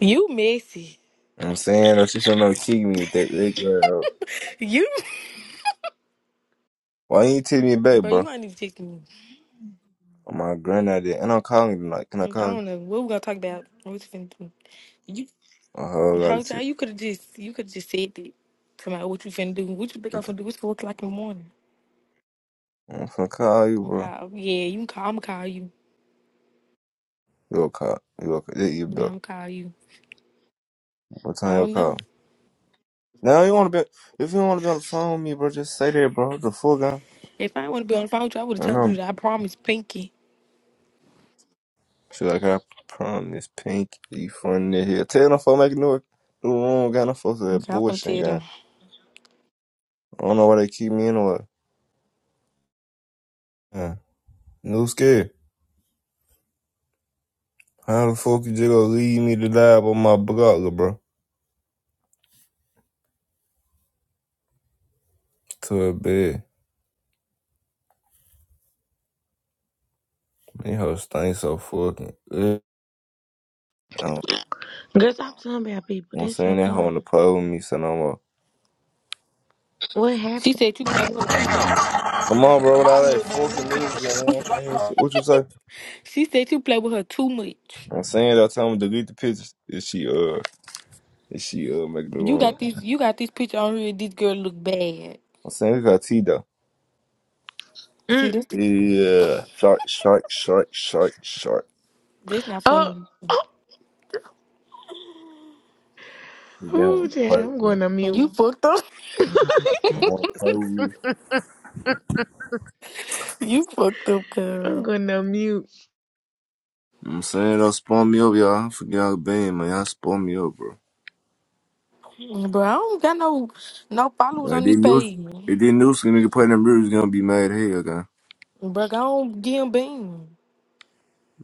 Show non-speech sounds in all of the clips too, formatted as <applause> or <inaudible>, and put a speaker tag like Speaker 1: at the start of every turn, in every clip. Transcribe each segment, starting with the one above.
Speaker 1: You messy.
Speaker 2: know what I'm saying? If she should know kick me with that leg girl.
Speaker 1: You
Speaker 2: Why you ain't take me back,
Speaker 1: bro, you
Speaker 2: bro?
Speaker 1: ain't even texting
Speaker 2: Oh, my granddad did. And I'm calling him. like, can I
Speaker 1: me. I
Speaker 2: call you?
Speaker 1: don't know. What we gonna talk about? What you finna do? You
Speaker 2: Oh, hell, I got
Speaker 1: how how
Speaker 2: shit.
Speaker 1: you could've just you could've just said that to my what you finna do. What you think I'm
Speaker 2: Okay.
Speaker 1: finna do? It's four o'clock in the morning.
Speaker 2: I'm gonna call you, bro.
Speaker 1: Nah, yeah, you can call I'ma call you.
Speaker 2: You a call. You a call. Yeah, you
Speaker 1: Yeah,
Speaker 2: better.
Speaker 1: I'ma call you.
Speaker 2: What
Speaker 1: I
Speaker 2: time you
Speaker 1: don't know.
Speaker 2: call? Now you wanna be if you wanna be on the phone with me, bro, just say that, bro. The full guy.
Speaker 1: If I wanna be on the phone with you, I would have
Speaker 2: I
Speaker 1: told
Speaker 2: know.
Speaker 1: you that I promised Pinky.
Speaker 2: She like I promise pink you fun in here. Tell them for make new new room, got no folks with that
Speaker 1: Okay, I'm gonna
Speaker 2: bullshit
Speaker 1: tell
Speaker 2: guy.
Speaker 1: them.
Speaker 2: I don't know why they keep me in the way. Yeah. New scared. How the fuck you just gonna leave me to die up on my brother, bro? To a bed. These hoes stink so fucking good. I don't,
Speaker 3: Girl, stop telling about people.
Speaker 2: I'm
Speaker 3: That's your
Speaker 2: saying that hoe on the
Speaker 3: problem.
Speaker 2: pole with me, so no more.
Speaker 3: What
Speaker 1: She
Speaker 3: happened?
Speaker 1: said you play with her too much.
Speaker 2: Come on, bro, with all that fucking music and they ain't finna hear shit. What you say?
Speaker 1: She said you play with her too much.
Speaker 2: I'm saying that time to delete the pictures if she, uh, if she, uh, make the
Speaker 1: You got
Speaker 2: wrong.
Speaker 1: this you got this picture on here, this girl look bad.
Speaker 2: I'm saying we got T though.
Speaker 1: See
Speaker 3: Mm.
Speaker 1: this
Speaker 2: Yeah. Shark, shark, shark, shark, shark.
Speaker 1: that's not
Speaker 3: Oh,
Speaker 1: funny.
Speaker 3: oh,
Speaker 2: They don't
Speaker 3: ooh,
Speaker 2: wanna
Speaker 3: yeah,
Speaker 2: play
Speaker 3: I'm
Speaker 2: with me.
Speaker 3: going to mute.
Speaker 1: You fucked up. <laughs>
Speaker 3: <laughs>
Speaker 2: They don't wanna play with me.
Speaker 1: You fucked up,
Speaker 3: I'm
Speaker 1: girl.
Speaker 3: going to mute.
Speaker 2: I'm saying don't spawn me up, y'all. I forget how bad, man. Y'all spawn me up, bro.
Speaker 1: Bro, I don't got no no followers
Speaker 2: Like
Speaker 1: on
Speaker 2: they
Speaker 1: this
Speaker 2: knew
Speaker 1: page. man.
Speaker 2: if they knew some nigga playing them was gonna be mad hey again.
Speaker 1: Bro, I don't get him beam.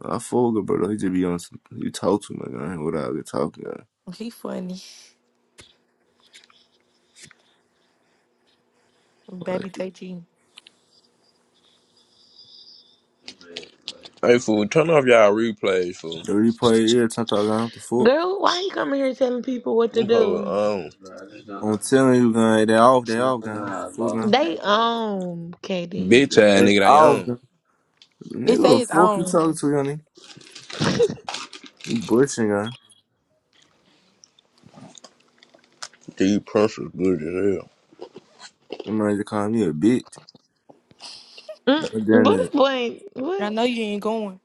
Speaker 2: I fuck it, bro. He just be on some you talk to my guy without good talking again.
Speaker 1: He funny. Baby
Speaker 2: Like
Speaker 1: take you.
Speaker 4: Hey fool, turn off y'all replays, fool.
Speaker 2: the replay yeah, time talking what the fuck.
Speaker 3: Girl, why you coming here telling people what to
Speaker 4: Them hoes
Speaker 3: do?
Speaker 4: on.
Speaker 2: I'm telling you guy. they off, they off gun, what the fuck guy.
Speaker 3: They own, Katie.
Speaker 4: Bitch ass
Speaker 2: They
Speaker 4: nigga they
Speaker 2: off guy.
Speaker 4: on.
Speaker 2: Nigga
Speaker 1: It
Speaker 2: what
Speaker 1: say
Speaker 2: the
Speaker 1: it's
Speaker 2: fuck you
Speaker 1: on.
Speaker 2: talking to, honey? You butching guy.
Speaker 4: These principals good as
Speaker 2: I'm not just calling me a bitch. I
Speaker 3: Mm.
Speaker 2: done
Speaker 3: What if
Speaker 2: that
Speaker 3: boy?
Speaker 1: I
Speaker 3: What?
Speaker 1: know you ain't going.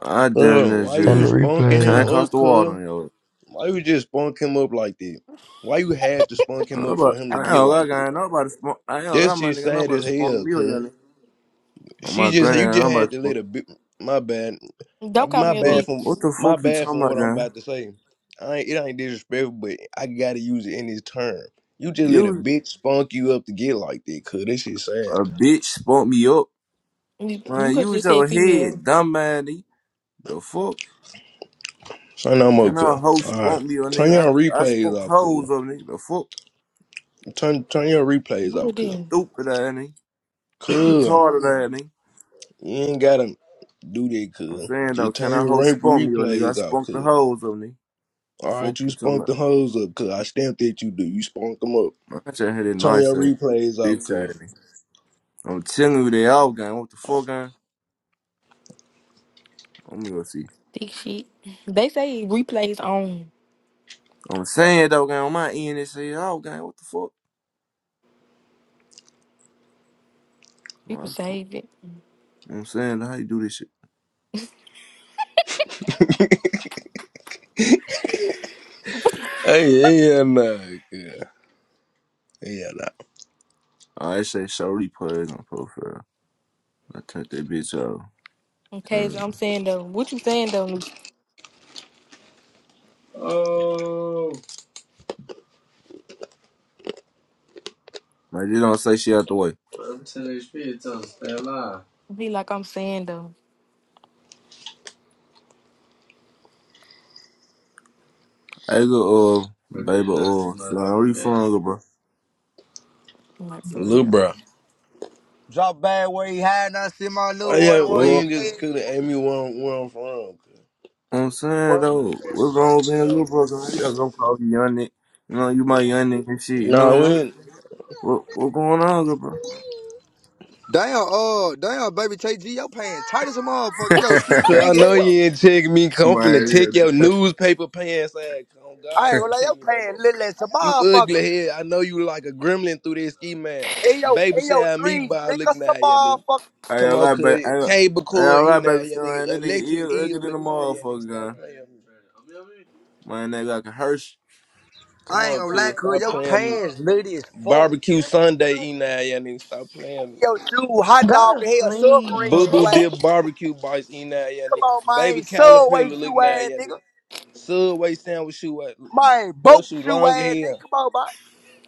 Speaker 2: I
Speaker 4: hell.
Speaker 2: done
Speaker 4: Uh,
Speaker 2: that
Speaker 4: why you
Speaker 2: shit.
Speaker 4: spunking him
Speaker 2: Can't
Speaker 5: then
Speaker 2: cross
Speaker 4: up,
Speaker 2: the water
Speaker 4: cuz?
Speaker 2: on yo.
Speaker 4: Why you just spunk him up like that? Why you had to spunk
Speaker 2: I
Speaker 4: him
Speaker 2: ain't
Speaker 4: up for
Speaker 2: about-
Speaker 4: him
Speaker 2: I
Speaker 4: to
Speaker 2: ain't
Speaker 4: get
Speaker 2: gonna lie,
Speaker 4: like that?
Speaker 2: guy. Nobody smoke. I ain't gonna lie,
Speaker 4: That
Speaker 2: my
Speaker 4: shit
Speaker 2: nigga.
Speaker 4: sad
Speaker 2: Nobody
Speaker 4: as
Speaker 2: smoking
Speaker 4: hell,
Speaker 2: me or your
Speaker 4: cuz.
Speaker 2: nigga. On
Speaker 4: She
Speaker 2: my
Speaker 4: just you
Speaker 2: granddad,
Speaker 4: just had
Speaker 2: nobody
Speaker 4: to
Speaker 2: smoking.
Speaker 4: let a bit my bad. Uh,
Speaker 1: Don't call
Speaker 4: My
Speaker 1: me a
Speaker 4: bad
Speaker 2: Bro,
Speaker 4: from
Speaker 2: what
Speaker 1: bitch.
Speaker 2: the
Speaker 4: my
Speaker 2: fuck you
Speaker 4: bad
Speaker 2: talking
Speaker 4: from
Speaker 2: about,
Speaker 4: what I'm
Speaker 2: John?
Speaker 4: about to say. I ain't, it ain't disrespectful, but I gotta use it in this term. You just let a
Speaker 2: You
Speaker 4: bitch spunk you up to get like that, cuz. This shit sad.
Speaker 2: a bitch spunk me up.
Speaker 1: You, you
Speaker 2: Man,
Speaker 1: could have
Speaker 2: Use
Speaker 1: just said
Speaker 2: your
Speaker 1: female.
Speaker 2: head, dumb man. nigga. The fuck?
Speaker 4: Turn that
Speaker 2: Can a
Speaker 4: mocha.
Speaker 2: hoe
Speaker 4: All right.
Speaker 2: spunk me up,
Speaker 4: Turn
Speaker 2: nigga?
Speaker 4: your
Speaker 2: I, I
Speaker 4: replays
Speaker 2: spunk
Speaker 4: off, cuz.
Speaker 2: hoes up, nigga. The fuck?
Speaker 4: Turn turn your replays
Speaker 1: Who
Speaker 4: off,
Speaker 1: would
Speaker 4: cuz.
Speaker 1: then?
Speaker 2: Stupid ass, nigga.
Speaker 4: Cuz.
Speaker 2: Retarded ass, nigga.
Speaker 4: You ain't gotta do that,
Speaker 2: I'm
Speaker 4: cuz.
Speaker 2: saying, though,
Speaker 4: Just
Speaker 2: can
Speaker 4: turn
Speaker 2: a
Speaker 4: your
Speaker 2: hoe
Speaker 4: rank
Speaker 2: spunk me up, nigga? I
Speaker 4: replays off,
Speaker 2: spunk the
Speaker 4: cuz.
Speaker 2: hoes up, nigga.
Speaker 4: All
Speaker 2: Fuck
Speaker 4: right, you
Speaker 2: you talking
Speaker 4: spunk
Speaker 2: about.
Speaker 4: the hoes up, cuz. I stamped at you, do. You spunk them up.
Speaker 2: Man, I just had it
Speaker 4: Turn
Speaker 2: nice
Speaker 4: your
Speaker 2: ass,
Speaker 4: replays
Speaker 2: bitch
Speaker 4: off, cuz.
Speaker 2: ass, nigga. I'm telling you, they all gang. What the fuck, gang? I'm gonna see.
Speaker 1: Thick shit. They say replays on.
Speaker 2: I'm saying, though, gang, on my end, they say, all gang. What the
Speaker 1: You could
Speaker 2: fuck?
Speaker 1: save it.
Speaker 2: You know what I'm saying? How you do this shit?
Speaker 4: Hey, yeah, nah, cuz. Yeah, nah.
Speaker 2: I say show replays on profile. I turned that bitch out.
Speaker 1: Okay, so
Speaker 2: Turn it
Speaker 1: I'm
Speaker 2: off.
Speaker 1: saying though. What you saying though?
Speaker 2: Like, you don't say shit out the way.
Speaker 1: Be like I'm saying though.
Speaker 2: Hey, look, uh, baby, uh, son, where you from, little bro?
Speaker 1: Like for
Speaker 4: Lil'
Speaker 1: real.
Speaker 4: bro.
Speaker 6: Drop bag where he hiding. I see my
Speaker 4: Why
Speaker 6: little one.
Speaker 4: you,
Speaker 2: What
Speaker 4: why
Speaker 6: Boy.
Speaker 2: wrong?
Speaker 4: you
Speaker 2: You know
Speaker 4: just could cuz ask me where I'm, where I'm from, cuz?
Speaker 2: what I'm saying, though, what's wrong with being a little bro? Cause I'm gonna call you young nigga. You know, you my young nigga and shit. You know what,
Speaker 4: Nah, we
Speaker 2: I'm
Speaker 4: ain't-
Speaker 2: saying? what what going on, little bro?
Speaker 6: Damn, uh, damn, baby KG, your pants tight as a motherfucker. Your shoes
Speaker 4: Cause
Speaker 2: <laughs>
Speaker 4: I
Speaker 6: big as
Speaker 4: know
Speaker 6: hell.
Speaker 4: you ain't check me. Come
Speaker 2: My
Speaker 4: finna check
Speaker 2: yeah.
Speaker 4: your newspaper pants ass. Oh
Speaker 6: I
Speaker 4: God,
Speaker 6: ain't gonna
Speaker 4: don't
Speaker 6: lie,
Speaker 4: check
Speaker 6: your
Speaker 4: me no
Speaker 6: pants
Speaker 4: more.
Speaker 6: little as a
Speaker 4: You ugly
Speaker 6: motherfucker.
Speaker 4: head. I know you like a gremlin through this ski man.
Speaker 6: And your,
Speaker 4: Baby
Speaker 6: and your
Speaker 4: shower
Speaker 6: threes
Speaker 4: meatball
Speaker 6: big as
Speaker 4: looking
Speaker 6: a
Speaker 4: at ya nigga.
Speaker 6: motherfucker.
Speaker 2: Hey,
Speaker 4: Come
Speaker 2: I
Speaker 4: on,
Speaker 2: got baby.
Speaker 4: cuz
Speaker 2: I got
Speaker 4: cable
Speaker 2: I
Speaker 4: cord
Speaker 2: got
Speaker 4: eating
Speaker 2: baby
Speaker 4: at ya
Speaker 2: son.
Speaker 4: nigga.
Speaker 2: That nigga
Speaker 4: Electric
Speaker 2: is ugly
Speaker 4: eel
Speaker 2: than a
Speaker 4: looking at ya nigga.
Speaker 2: motherfucker,
Speaker 4: Stop
Speaker 2: gun.
Speaker 4: playing with me.
Speaker 2: My nigga like a Hirsch.
Speaker 4: Come
Speaker 6: I ain't
Speaker 4: on,
Speaker 6: gonna lie,
Speaker 4: cuz
Speaker 6: cuz
Speaker 4: stop
Speaker 6: your
Speaker 4: playing with me.
Speaker 6: pants little as fuck.
Speaker 4: Barbecue Sunday eating at ya nigga. Stop playing
Speaker 6: And
Speaker 4: with me.
Speaker 6: your shoe hot dog
Speaker 3: Go to
Speaker 6: hell, submarine
Speaker 4: Boo
Speaker 6: shoe
Speaker 3: sleep.
Speaker 4: boo
Speaker 6: ass
Speaker 4: dip barbecue bites eating at ya
Speaker 6: nigga. Come on,
Speaker 4: nigga. Baby
Speaker 6: man. Subway
Speaker 4: caterpillar
Speaker 6: shoe
Speaker 4: looking at
Speaker 6: ass
Speaker 4: ya
Speaker 6: nigga.
Speaker 4: nigga. Subway sandwich shoe
Speaker 6: My
Speaker 4: Your
Speaker 6: boat
Speaker 4: shoe
Speaker 6: shoe
Speaker 4: long as
Speaker 6: ass nigga.
Speaker 4: hell.
Speaker 6: Come on, man.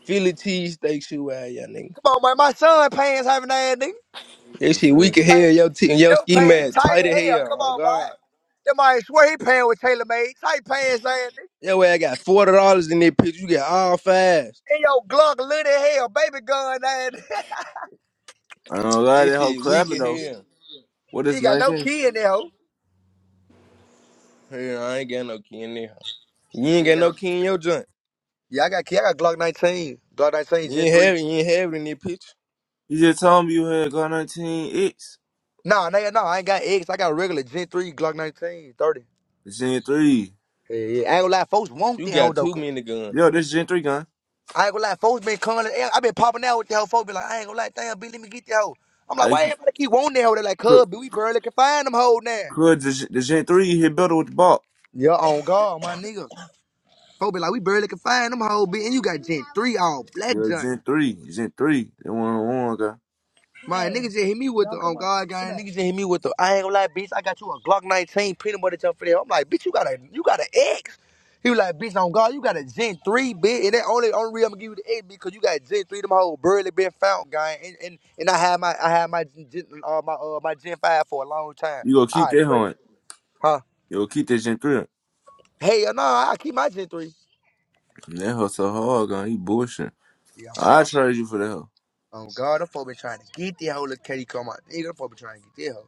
Speaker 4: Philly cheesesteak shoe out, y'all nigga.
Speaker 6: Come on, man. My son pants having ass nigga.
Speaker 2: You know
Speaker 4: That
Speaker 2: what
Speaker 4: shit
Speaker 2: I'm saying?
Speaker 4: weak as hell. Your, t-
Speaker 6: Yo
Speaker 4: your ski
Speaker 6: pants
Speaker 4: mask
Speaker 6: tight
Speaker 4: tight
Speaker 6: as
Speaker 4: as
Speaker 6: hell.
Speaker 4: hell.
Speaker 6: Come
Speaker 4: Oh,
Speaker 6: on,
Speaker 4: God.
Speaker 6: boy. That might swear he paying with TaylorMade. Tight pants, man.
Speaker 4: Your ass got $40 in that picture. You got all fast.
Speaker 6: And your Glock lit as hell. Baby gun, man.
Speaker 2: I don't lie,
Speaker 4: That
Speaker 2: that whole
Speaker 4: shit weak
Speaker 2: clapping
Speaker 4: as
Speaker 2: though.
Speaker 4: hell.
Speaker 6: <laughs>
Speaker 2: What
Speaker 6: you
Speaker 2: is
Speaker 6: ain't got no
Speaker 2: 19?
Speaker 6: key in there, ho.
Speaker 4: Hell, I ain't got no key in there. You ain't
Speaker 6: You ain't
Speaker 4: got
Speaker 6: got no
Speaker 4: no
Speaker 6: key
Speaker 4: key
Speaker 6: in
Speaker 4: in
Speaker 6: there.
Speaker 4: your joint.
Speaker 6: Yeah, I got key. I got Glock 19. Glock 19 Gen
Speaker 4: You ain't
Speaker 6: 3.
Speaker 4: have it. You ain't have it in that picture.
Speaker 2: You just told me you had gun 19 X.
Speaker 6: Nah, nah, nah. I ain't got X. I got regular Gen 3 Glock 19, 30.
Speaker 2: Gen 3.
Speaker 6: Yeah, yeah. I ain't gonna lie, folks want
Speaker 4: You
Speaker 6: that hoe,
Speaker 4: got
Speaker 6: though.
Speaker 4: too
Speaker 6: 'cause
Speaker 4: many guns.
Speaker 2: Yo, this Gen 3 gun.
Speaker 6: I ain't gonna lie, folks been calling. I been popping out with that hoe. Folks be like, I ain't gonna lie, damn, B, let me get that hoe. I'm like,
Speaker 2: I
Speaker 6: why everybody keep wanting that hoe? they like,
Speaker 2: could,
Speaker 6: cuz, B, we barely can find them hoe now.
Speaker 2: could the, the Gen 3 hit better with the ball.
Speaker 6: Yeah, on God, my nigga. Folk be like, we barely can find them whole bitch. And you got Gen 3 all black
Speaker 2: Yo,
Speaker 6: joint.
Speaker 2: Gen 3. Gen 3. That one on one gun.
Speaker 6: My niggas just hit me with the, on God, Sit gang. down. just hit me with the, I ain't gonna lie, bitch. I got you a Glock 19 peanut butter jump for that. I'm like, bitch, you got a, you got an X. He was like, bitch, on God, you got a Gen 3, bitch. And that only, only reason I'm gonna give you the X because you got Gen 3, them whole barely been found, gang. And, and, and I had my, I had my, uh, my, uh, my Gen 5 for a long time.
Speaker 2: You gonna
Speaker 6: All
Speaker 2: keep
Speaker 6: right,
Speaker 2: that
Speaker 6: Trey.
Speaker 2: hoe.
Speaker 6: Huh?
Speaker 2: You gonna keep that Gen 3.
Speaker 6: Hell no, I keep my Gen 3.
Speaker 2: That hoe so hard gun. He bullshit.
Speaker 6: Yeah, on God.
Speaker 2: I charge you for that hoe.
Speaker 6: Oh God, I'm been trying to get the hoe. Look, Katie, call my nigga. I'm been trying to get the hoe.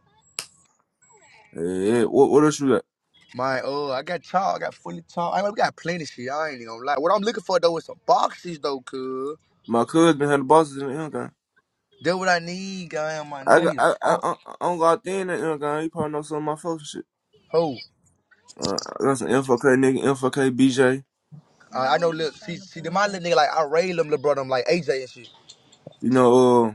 Speaker 2: Yeah, yeah. What, what else you got?
Speaker 6: My oh, I got tall. I got fully tall. I mean, we got plenty of shit. I ain't even gonna lie. What I'm looking for though is some boxes though, cuz.
Speaker 2: My cousin had the bosses in the young gun.
Speaker 6: That's what I need, guy. My
Speaker 2: I
Speaker 6: nigga, I
Speaker 2: got
Speaker 6: need a
Speaker 2: I I
Speaker 6: box.
Speaker 2: I, I don't got thin in that young gun. He probably know some of my folks and shit.
Speaker 6: Ho,
Speaker 2: Uh, I got some MFK nigga, MFK BJ.
Speaker 6: I, I No, know. we Look, see, see, the my at little nigga like I rail him, little brother. I'm like AJ and shit.
Speaker 2: You know, uh,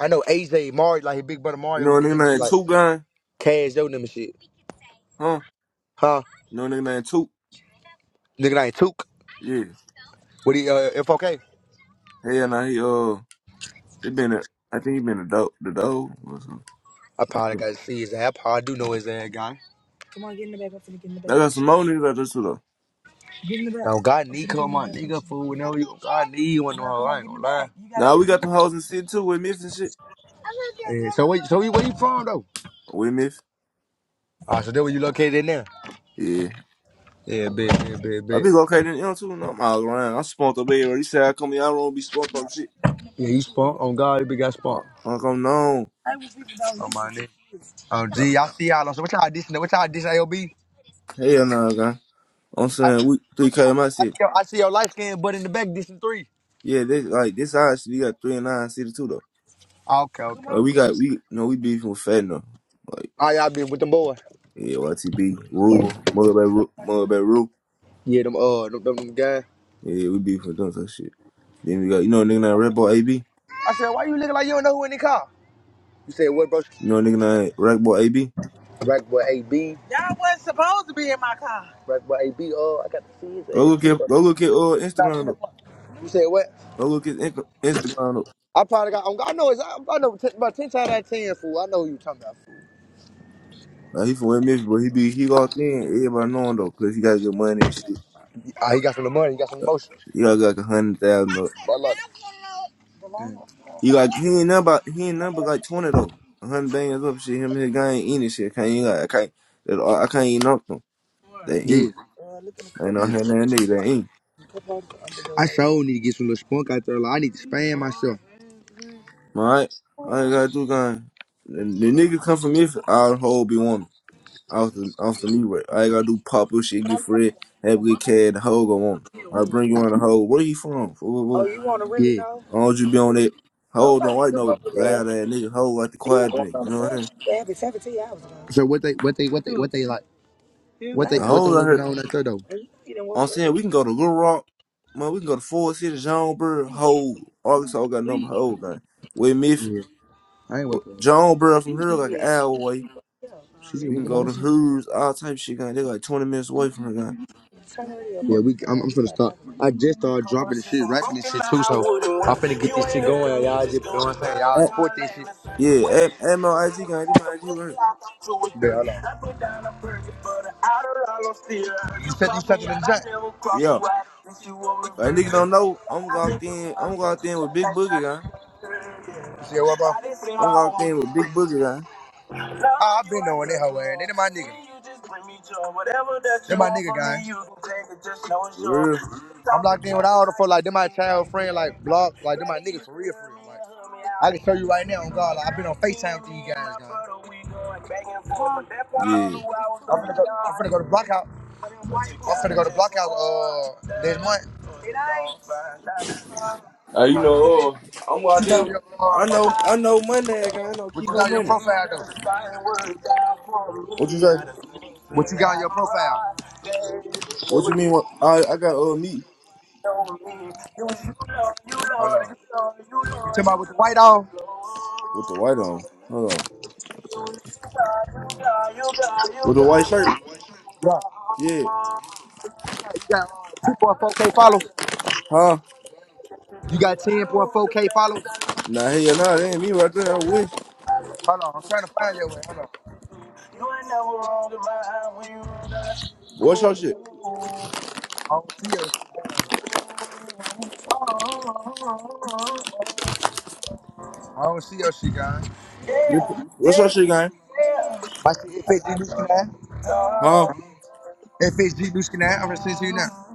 Speaker 6: I know AJ Mario, like his big brother
Speaker 2: you
Speaker 6: Mario,
Speaker 2: know
Speaker 6: who
Speaker 2: a
Speaker 6: did and
Speaker 2: nigga
Speaker 6: shit
Speaker 2: named
Speaker 6: like
Speaker 2: Two Gun,
Speaker 6: Cash Yo and them and shit.
Speaker 2: huh?
Speaker 6: Huh?
Speaker 2: You know a nigga named Two.
Speaker 6: Nigga, I ain't took.
Speaker 2: Yeah.
Speaker 6: What he uh, if okay?
Speaker 2: Hell nah, he uh, he been a, I think he been a dope, the dope or something. I don't
Speaker 6: probably gotta
Speaker 2: know.
Speaker 6: see his ass. I probably do know his ass, guy. Come on, get in the back. I'm get in the
Speaker 2: I
Speaker 6: back.
Speaker 2: got some more niggas out there too though.
Speaker 6: Get in the back. God Okay, need get in come the on, nigga, fool. Whenever you God need you, No, no, come I ain't gonna lie. You gotta
Speaker 2: Now
Speaker 6: get
Speaker 2: we
Speaker 6: in the
Speaker 2: got them hoes in the city too with Miff and shit.
Speaker 6: Yeah, so wait, so you- where you from though?
Speaker 2: With Miff.
Speaker 6: Ah, so that where you located in there?
Speaker 2: Yeah.
Speaker 6: Yeah, bet, bet, bet,
Speaker 2: I
Speaker 6: bet.
Speaker 2: be okay then, you know too. No, I'm all around. I'm spunked up everywhere. He said I come here, I don't be spunked up shit.
Speaker 6: Yeah, you spunk on God, you big got spunk.
Speaker 2: I, I come known.
Speaker 6: I was people don't listen. Oh my nigga. Oh gee, I see y'all. on- So what y'all dissing? What y'all dissing? AOB?
Speaker 2: Hell nah, guy. I'm
Speaker 6: I see, I
Speaker 2: saying we
Speaker 6: see,
Speaker 2: three K in my city.
Speaker 6: your, I see your light skin, but in the back dissing three.
Speaker 2: Yeah, this like this our city. We got three and nine city too though.
Speaker 6: Okay, okay,
Speaker 2: Like, we
Speaker 6: okay.
Speaker 2: got we no we beefing with Fetner. Like
Speaker 6: All y'all been with them boys?
Speaker 2: yeah, YTB, Ruger, Mother Bay Ru Mother Bay Ru.
Speaker 6: Yeah, them uh, them, them, them guys.
Speaker 2: Yeah, we beefing with them type shit. Then we got you know a nigga named Red Ball AB.
Speaker 6: I said, why you looking like you don't know who in the car? You said what, bro?
Speaker 2: You know a nigga named Red Ball AB.
Speaker 6: Rack boy AB. Y'all wasn't supposed to be in my car. Rack boy AB. Oh, I got to see his
Speaker 2: Go
Speaker 6: ass
Speaker 2: look
Speaker 6: too.
Speaker 2: at
Speaker 6: But
Speaker 2: go look at uh
Speaker 6: nah, give me
Speaker 2: Instagram
Speaker 6: the
Speaker 2: up.
Speaker 6: fuck. You said what?
Speaker 2: Go look at Inc- Instagram up.
Speaker 6: I probably got. I know it's. I I know t- about ten times out of ten, fool. I know who you talking about. Fool.
Speaker 2: Like, he from West Memphis, but he be he locked in. Everybody know him though, cause he got good money and shit.
Speaker 6: Ah, he got some of the money. He got some emotion.
Speaker 2: He got like a hundred thousand up.
Speaker 6: But I love it.
Speaker 2: He like he ain't number he ain't number like twenty though. A hundred bangers up shit. Him and his guy ain't eating shit. Can't even like I can't. I can't even knock them. They ain't.
Speaker 6: Yeah. Uh, look in the
Speaker 2: I ain't
Speaker 6: couple.
Speaker 2: no
Speaker 6: Yeah.
Speaker 2: hand in that nigga that ain't.
Speaker 6: cup on the I sure need to get some little spunk out there. Like, I need to span myself.
Speaker 2: Alright? I ain't gotta do gun. The, the niggas come from me I'll hold be woman. Off the off the me right. I ain't gotta do pop up shit, get free, have a good kid, the hoe go on. I bring you on the hoe. Where you from? Foo,
Speaker 6: Oh,
Speaker 2: foo, foo.
Speaker 6: you want to really Yeah. know?
Speaker 2: I don't want you be on that. Hoe don't
Speaker 6: Somebody
Speaker 2: like
Speaker 6: come over
Speaker 2: no
Speaker 6: there.
Speaker 2: loud ass nigga. Hoe like the
Speaker 6: We were
Speaker 2: quiet
Speaker 6: going
Speaker 2: nigga.
Speaker 6: on
Speaker 2: You
Speaker 6: the
Speaker 2: know what I'm
Speaker 6: same shit
Speaker 2: saying?
Speaker 6: that happened 17 hours ago. So what they what they what they what they like? You What they
Speaker 2: The
Speaker 6: what the
Speaker 2: hoes
Speaker 6: loud.
Speaker 2: I
Speaker 6: women
Speaker 2: heard.
Speaker 6: on that third though? You didn't
Speaker 2: I'm
Speaker 6: woke
Speaker 2: saying
Speaker 6: up.
Speaker 2: we can go to Little Rock. Man, we can go to Ford City, Jonesboro, Hoe, Arkansas got number hoe gun. With Miffy.
Speaker 6: Yeah, I ain't wake
Speaker 2: Well,
Speaker 6: up.
Speaker 2: Jonesboro from here
Speaker 6: Yeah,
Speaker 2: like an hour
Speaker 6: she was she
Speaker 2: away.
Speaker 6: woke up. She just
Speaker 2: We
Speaker 6: woke
Speaker 2: can
Speaker 6: up by
Speaker 2: go to
Speaker 6: herself.
Speaker 2: hers, all type of shit, gang. They like 20 minutes away from her, gang.
Speaker 6: Yeah, we. I'm, I'm finna stop. I just started dropping this shit, rapping this shit too. So I'm finna get this shit going. Y'all just, you know what I'm saying? Y'all
Speaker 2: Eh,
Speaker 6: support this shit.
Speaker 2: Yeah, add, add my IG, gang. They my IG right.
Speaker 6: Yeah, hold on. You said you sent it in the Jack.
Speaker 2: Yeah. Like, nigga don't know, I'm locked in. I'm locked in with Big Boogie, gang.
Speaker 6: Yeah, You see what,
Speaker 2: I'm locked in with
Speaker 6: bro?
Speaker 2: Big Boogie, gang.
Speaker 6: Oh, I've been knowing they hoe ass. They my nigga. They my nigga guy.
Speaker 2: For real?
Speaker 6: I'm locked in with all the fuck like they my child friend, like block, like they my niggas for real, for real. Like I can tell you right now, on God, like, I've been on Facetime with these guys, guys. I'm
Speaker 2: Yeah.
Speaker 6: finna go, I'm finna go to Blockout. I'm finna go to Blockout uh this month.
Speaker 2: Uh, you
Speaker 6: What
Speaker 2: know, uh, I'm
Speaker 6: you
Speaker 2: locked
Speaker 6: got on
Speaker 2: in.
Speaker 6: your
Speaker 2: I
Speaker 6: uh,
Speaker 2: know, I know money, gang. I know
Speaker 6: what
Speaker 2: keep
Speaker 6: you
Speaker 2: her
Speaker 6: got on your
Speaker 2: money.
Speaker 6: profile though?
Speaker 2: What you say?
Speaker 6: What you got on your profile?
Speaker 2: What
Speaker 6: Hold
Speaker 2: you mean? What, I, I got, uh, me
Speaker 6: on. You talking about with the white on?
Speaker 2: with the white on. Hold on.
Speaker 6: Yeah. You
Speaker 2: With the white shirt? Yeah.
Speaker 6: got uh, two point four K follows.
Speaker 2: Huh?
Speaker 6: You got ten point four K followers.
Speaker 2: Nah, hell nah, that ain't me right there. I wish.
Speaker 6: Hold on, I'm trying to find your way. Hold on.
Speaker 2: What's your shit?
Speaker 6: I don't see your shit. I don't see your shit, guys. Yeah, yeah,
Speaker 2: What's your shit, gang?
Speaker 6: yeah. My shit, F H G fits G Nuskin now.
Speaker 2: Huh?
Speaker 6: Uh, Nuskin now. I'm gonna send it to you now.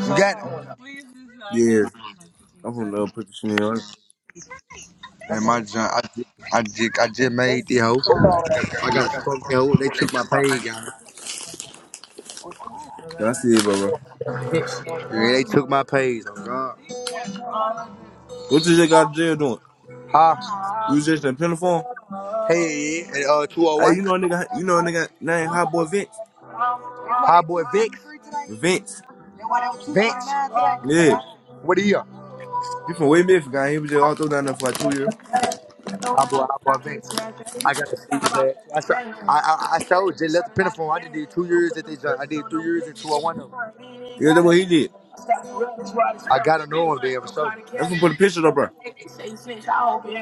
Speaker 6: You got it.
Speaker 2: Yeah. I'm from the put the shit in, right?
Speaker 6: And my junk, I just, I just, I just made the hoe. I got to smoke the hoe. They took my page, guys.
Speaker 2: I see it, bro, bro.
Speaker 6: Yeah, they took my page. Oh God.
Speaker 2: What you just got to jail doing?
Speaker 6: Hi.
Speaker 2: You was just in Pinafore?
Speaker 6: Hey, and uh,
Speaker 2: Hey,
Speaker 6: 201.
Speaker 2: you know a nigga, you know a nigga named Hot Boy Vince?
Speaker 6: Hi, boy, Vix.
Speaker 2: Vince.
Speaker 6: Vix.
Speaker 2: Yeah.
Speaker 6: What are you?
Speaker 2: He from Wade Memphis, guy. He was just all through down there for like two years.
Speaker 6: Abu Abu Vic. I gotta see his ass. I, saw, I, I, I showed Jay left the pinafore. I did did two years at this joint. I did three years and two at 201
Speaker 2: Yeah, that's
Speaker 6: of
Speaker 2: what he did.
Speaker 6: them. I gotta know him to be able to show.
Speaker 2: I'm finna put a picture up, bro.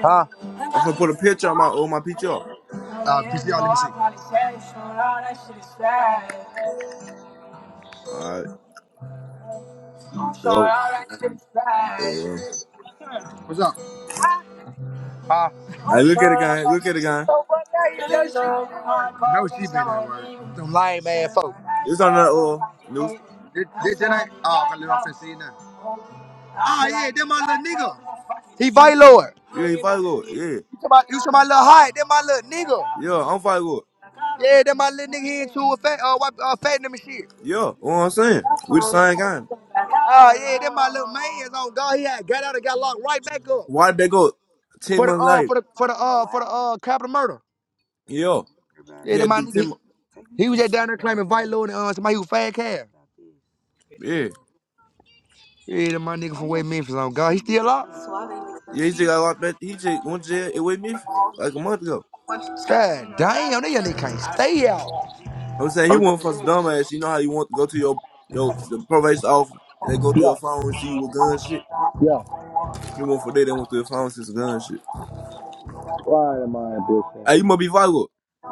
Speaker 6: Huh?
Speaker 2: I'm finna put a picture on my, on my PTR.
Speaker 6: Uh, PCR,
Speaker 2: Alright, dope.
Speaker 6: let me see.
Speaker 2: Uh,
Speaker 6: What's up? Huh?
Speaker 2: I
Speaker 6: No,
Speaker 2: look at it, guy. Look at it, guy.
Speaker 6: she been at work. Them lame ass folk.
Speaker 2: It's on that, uh, news.
Speaker 6: This, this shit ain't. Oh, okay, I'm finna see you now. Oh yeah, that my little nigga. He Vite Lord.
Speaker 2: You he fight good. Yeah.
Speaker 6: You to my, you to my little height. That my little nigga.
Speaker 2: Yeah, I'm fight good.
Speaker 6: Yeah, that my little nigga here into a fat, uh, wipe, uh, fat and shit.
Speaker 2: Yeah, you know what I'm saying? We the same guy.
Speaker 6: Oh yeah, that my little man's on God. He had got out and got locked right back up
Speaker 2: Why'd they go 10
Speaker 6: for the
Speaker 2: months
Speaker 6: uh
Speaker 2: later?
Speaker 6: for the for the uh for the uh capital murder.
Speaker 2: Yeah,
Speaker 6: Yeah,
Speaker 2: he
Speaker 6: that
Speaker 2: had
Speaker 6: my
Speaker 2: to do
Speaker 6: nigga.
Speaker 2: ten.
Speaker 6: He,
Speaker 2: mo-
Speaker 6: he was just down there claiming Vite Lord and uh, somebody who fat calf.
Speaker 2: Yeah,
Speaker 6: Yeah, that my nigga from West Memphis on God. He still out?
Speaker 2: yeah, he just got locked back. He just went to jail in with me like a month ago.
Speaker 6: God damn, that young nigga can't stay out.
Speaker 2: I'm saying he went for some dumbass. You know how you want to go to your your the probation office. and They go through
Speaker 6: Yeah,
Speaker 2: your phone and see you with gun shit.
Speaker 6: yeah.
Speaker 2: He went for that. They went through your phone and see some gun shit.
Speaker 6: Why am I bullshit?
Speaker 2: Hey, you must be vital.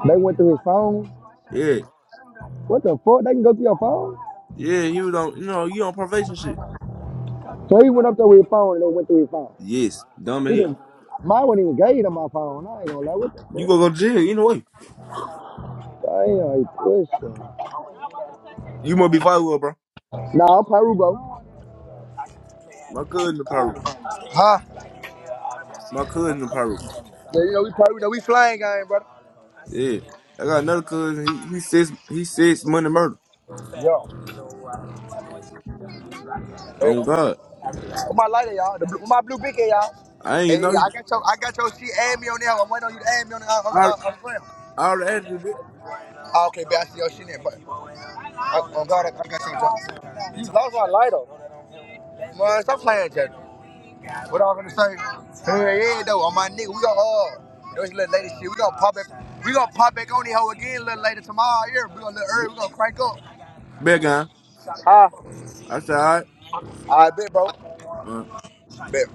Speaker 6: They went through his phone.
Speaker 2: Yeah,
Speaker 6: What the fuck? They can go through your phone?
Speaker 2: yeah. He was on. You know, you on probation shit.
Speaker 6: So he went up there with his phone and they went through his phone.
Speaker 2: Yes, dumb
Speaker 6: He
Speaker 2: here.
Speaker 6: didn't. Mine wasn't even gave him my phone. I ain't gonna lie. What the
Speaker 2: You gonna go
Speaker 6: fuck?
Speaker 2: to jail either way.
Speaker 6: Damn, he pushing.
Speaker 2: You must be vital, bro.
Speaker 6: Nah, i Peru, bro.
Speaker 2: My cousin in Peru.
Speaker 6: Huh?
Speaker 2: My cousin in Peru.
Speaker 6: Yeah, you know we Peru. You know we flying game, brother.
Speaker 2: Yeah, I got another cousin. He he says he says money murder.
Speaker 6: Yeah.
Speaker 2: Oh
Speaker 6: Hey,
Speaker 2: God.
Speaker 6: With my lighter, y'all. The, with my blue beacon, y'all.
Speaker 2: I ain't
Speaker 6: Hey,
Speaker 2: know
Speaker 6: I
Speaker 2: you.
Speaker 6: got your, I got your shit. Add me on there. I'm waiting on you to add me on the, on the,
Speaker 2: I
Speaker 6: on the
Speaker 2: I already asked you,
Speaker 6: Oh, okay, bet I see your shit in. there. But I, oh God, I, I got your job. You lost my lighter. Man, stop playing, Jack. What I was gonna say? Hell yeah, though. On my nigga, we got uh, those little lady shit. We gonna pop it. We gonna pop back on the hoe again, a little later tomorrow. Yeah, we gonna little early.
Speaker 2: Big
Speaker 6: We gonna crank up.
Speaker 2: big Guy.
Speaker 6: Huh?
Speaker 2: I said, all right.
Speaker 6: All right, bet, bro.
Speaker 2: All right.
Speaker 6: Bet.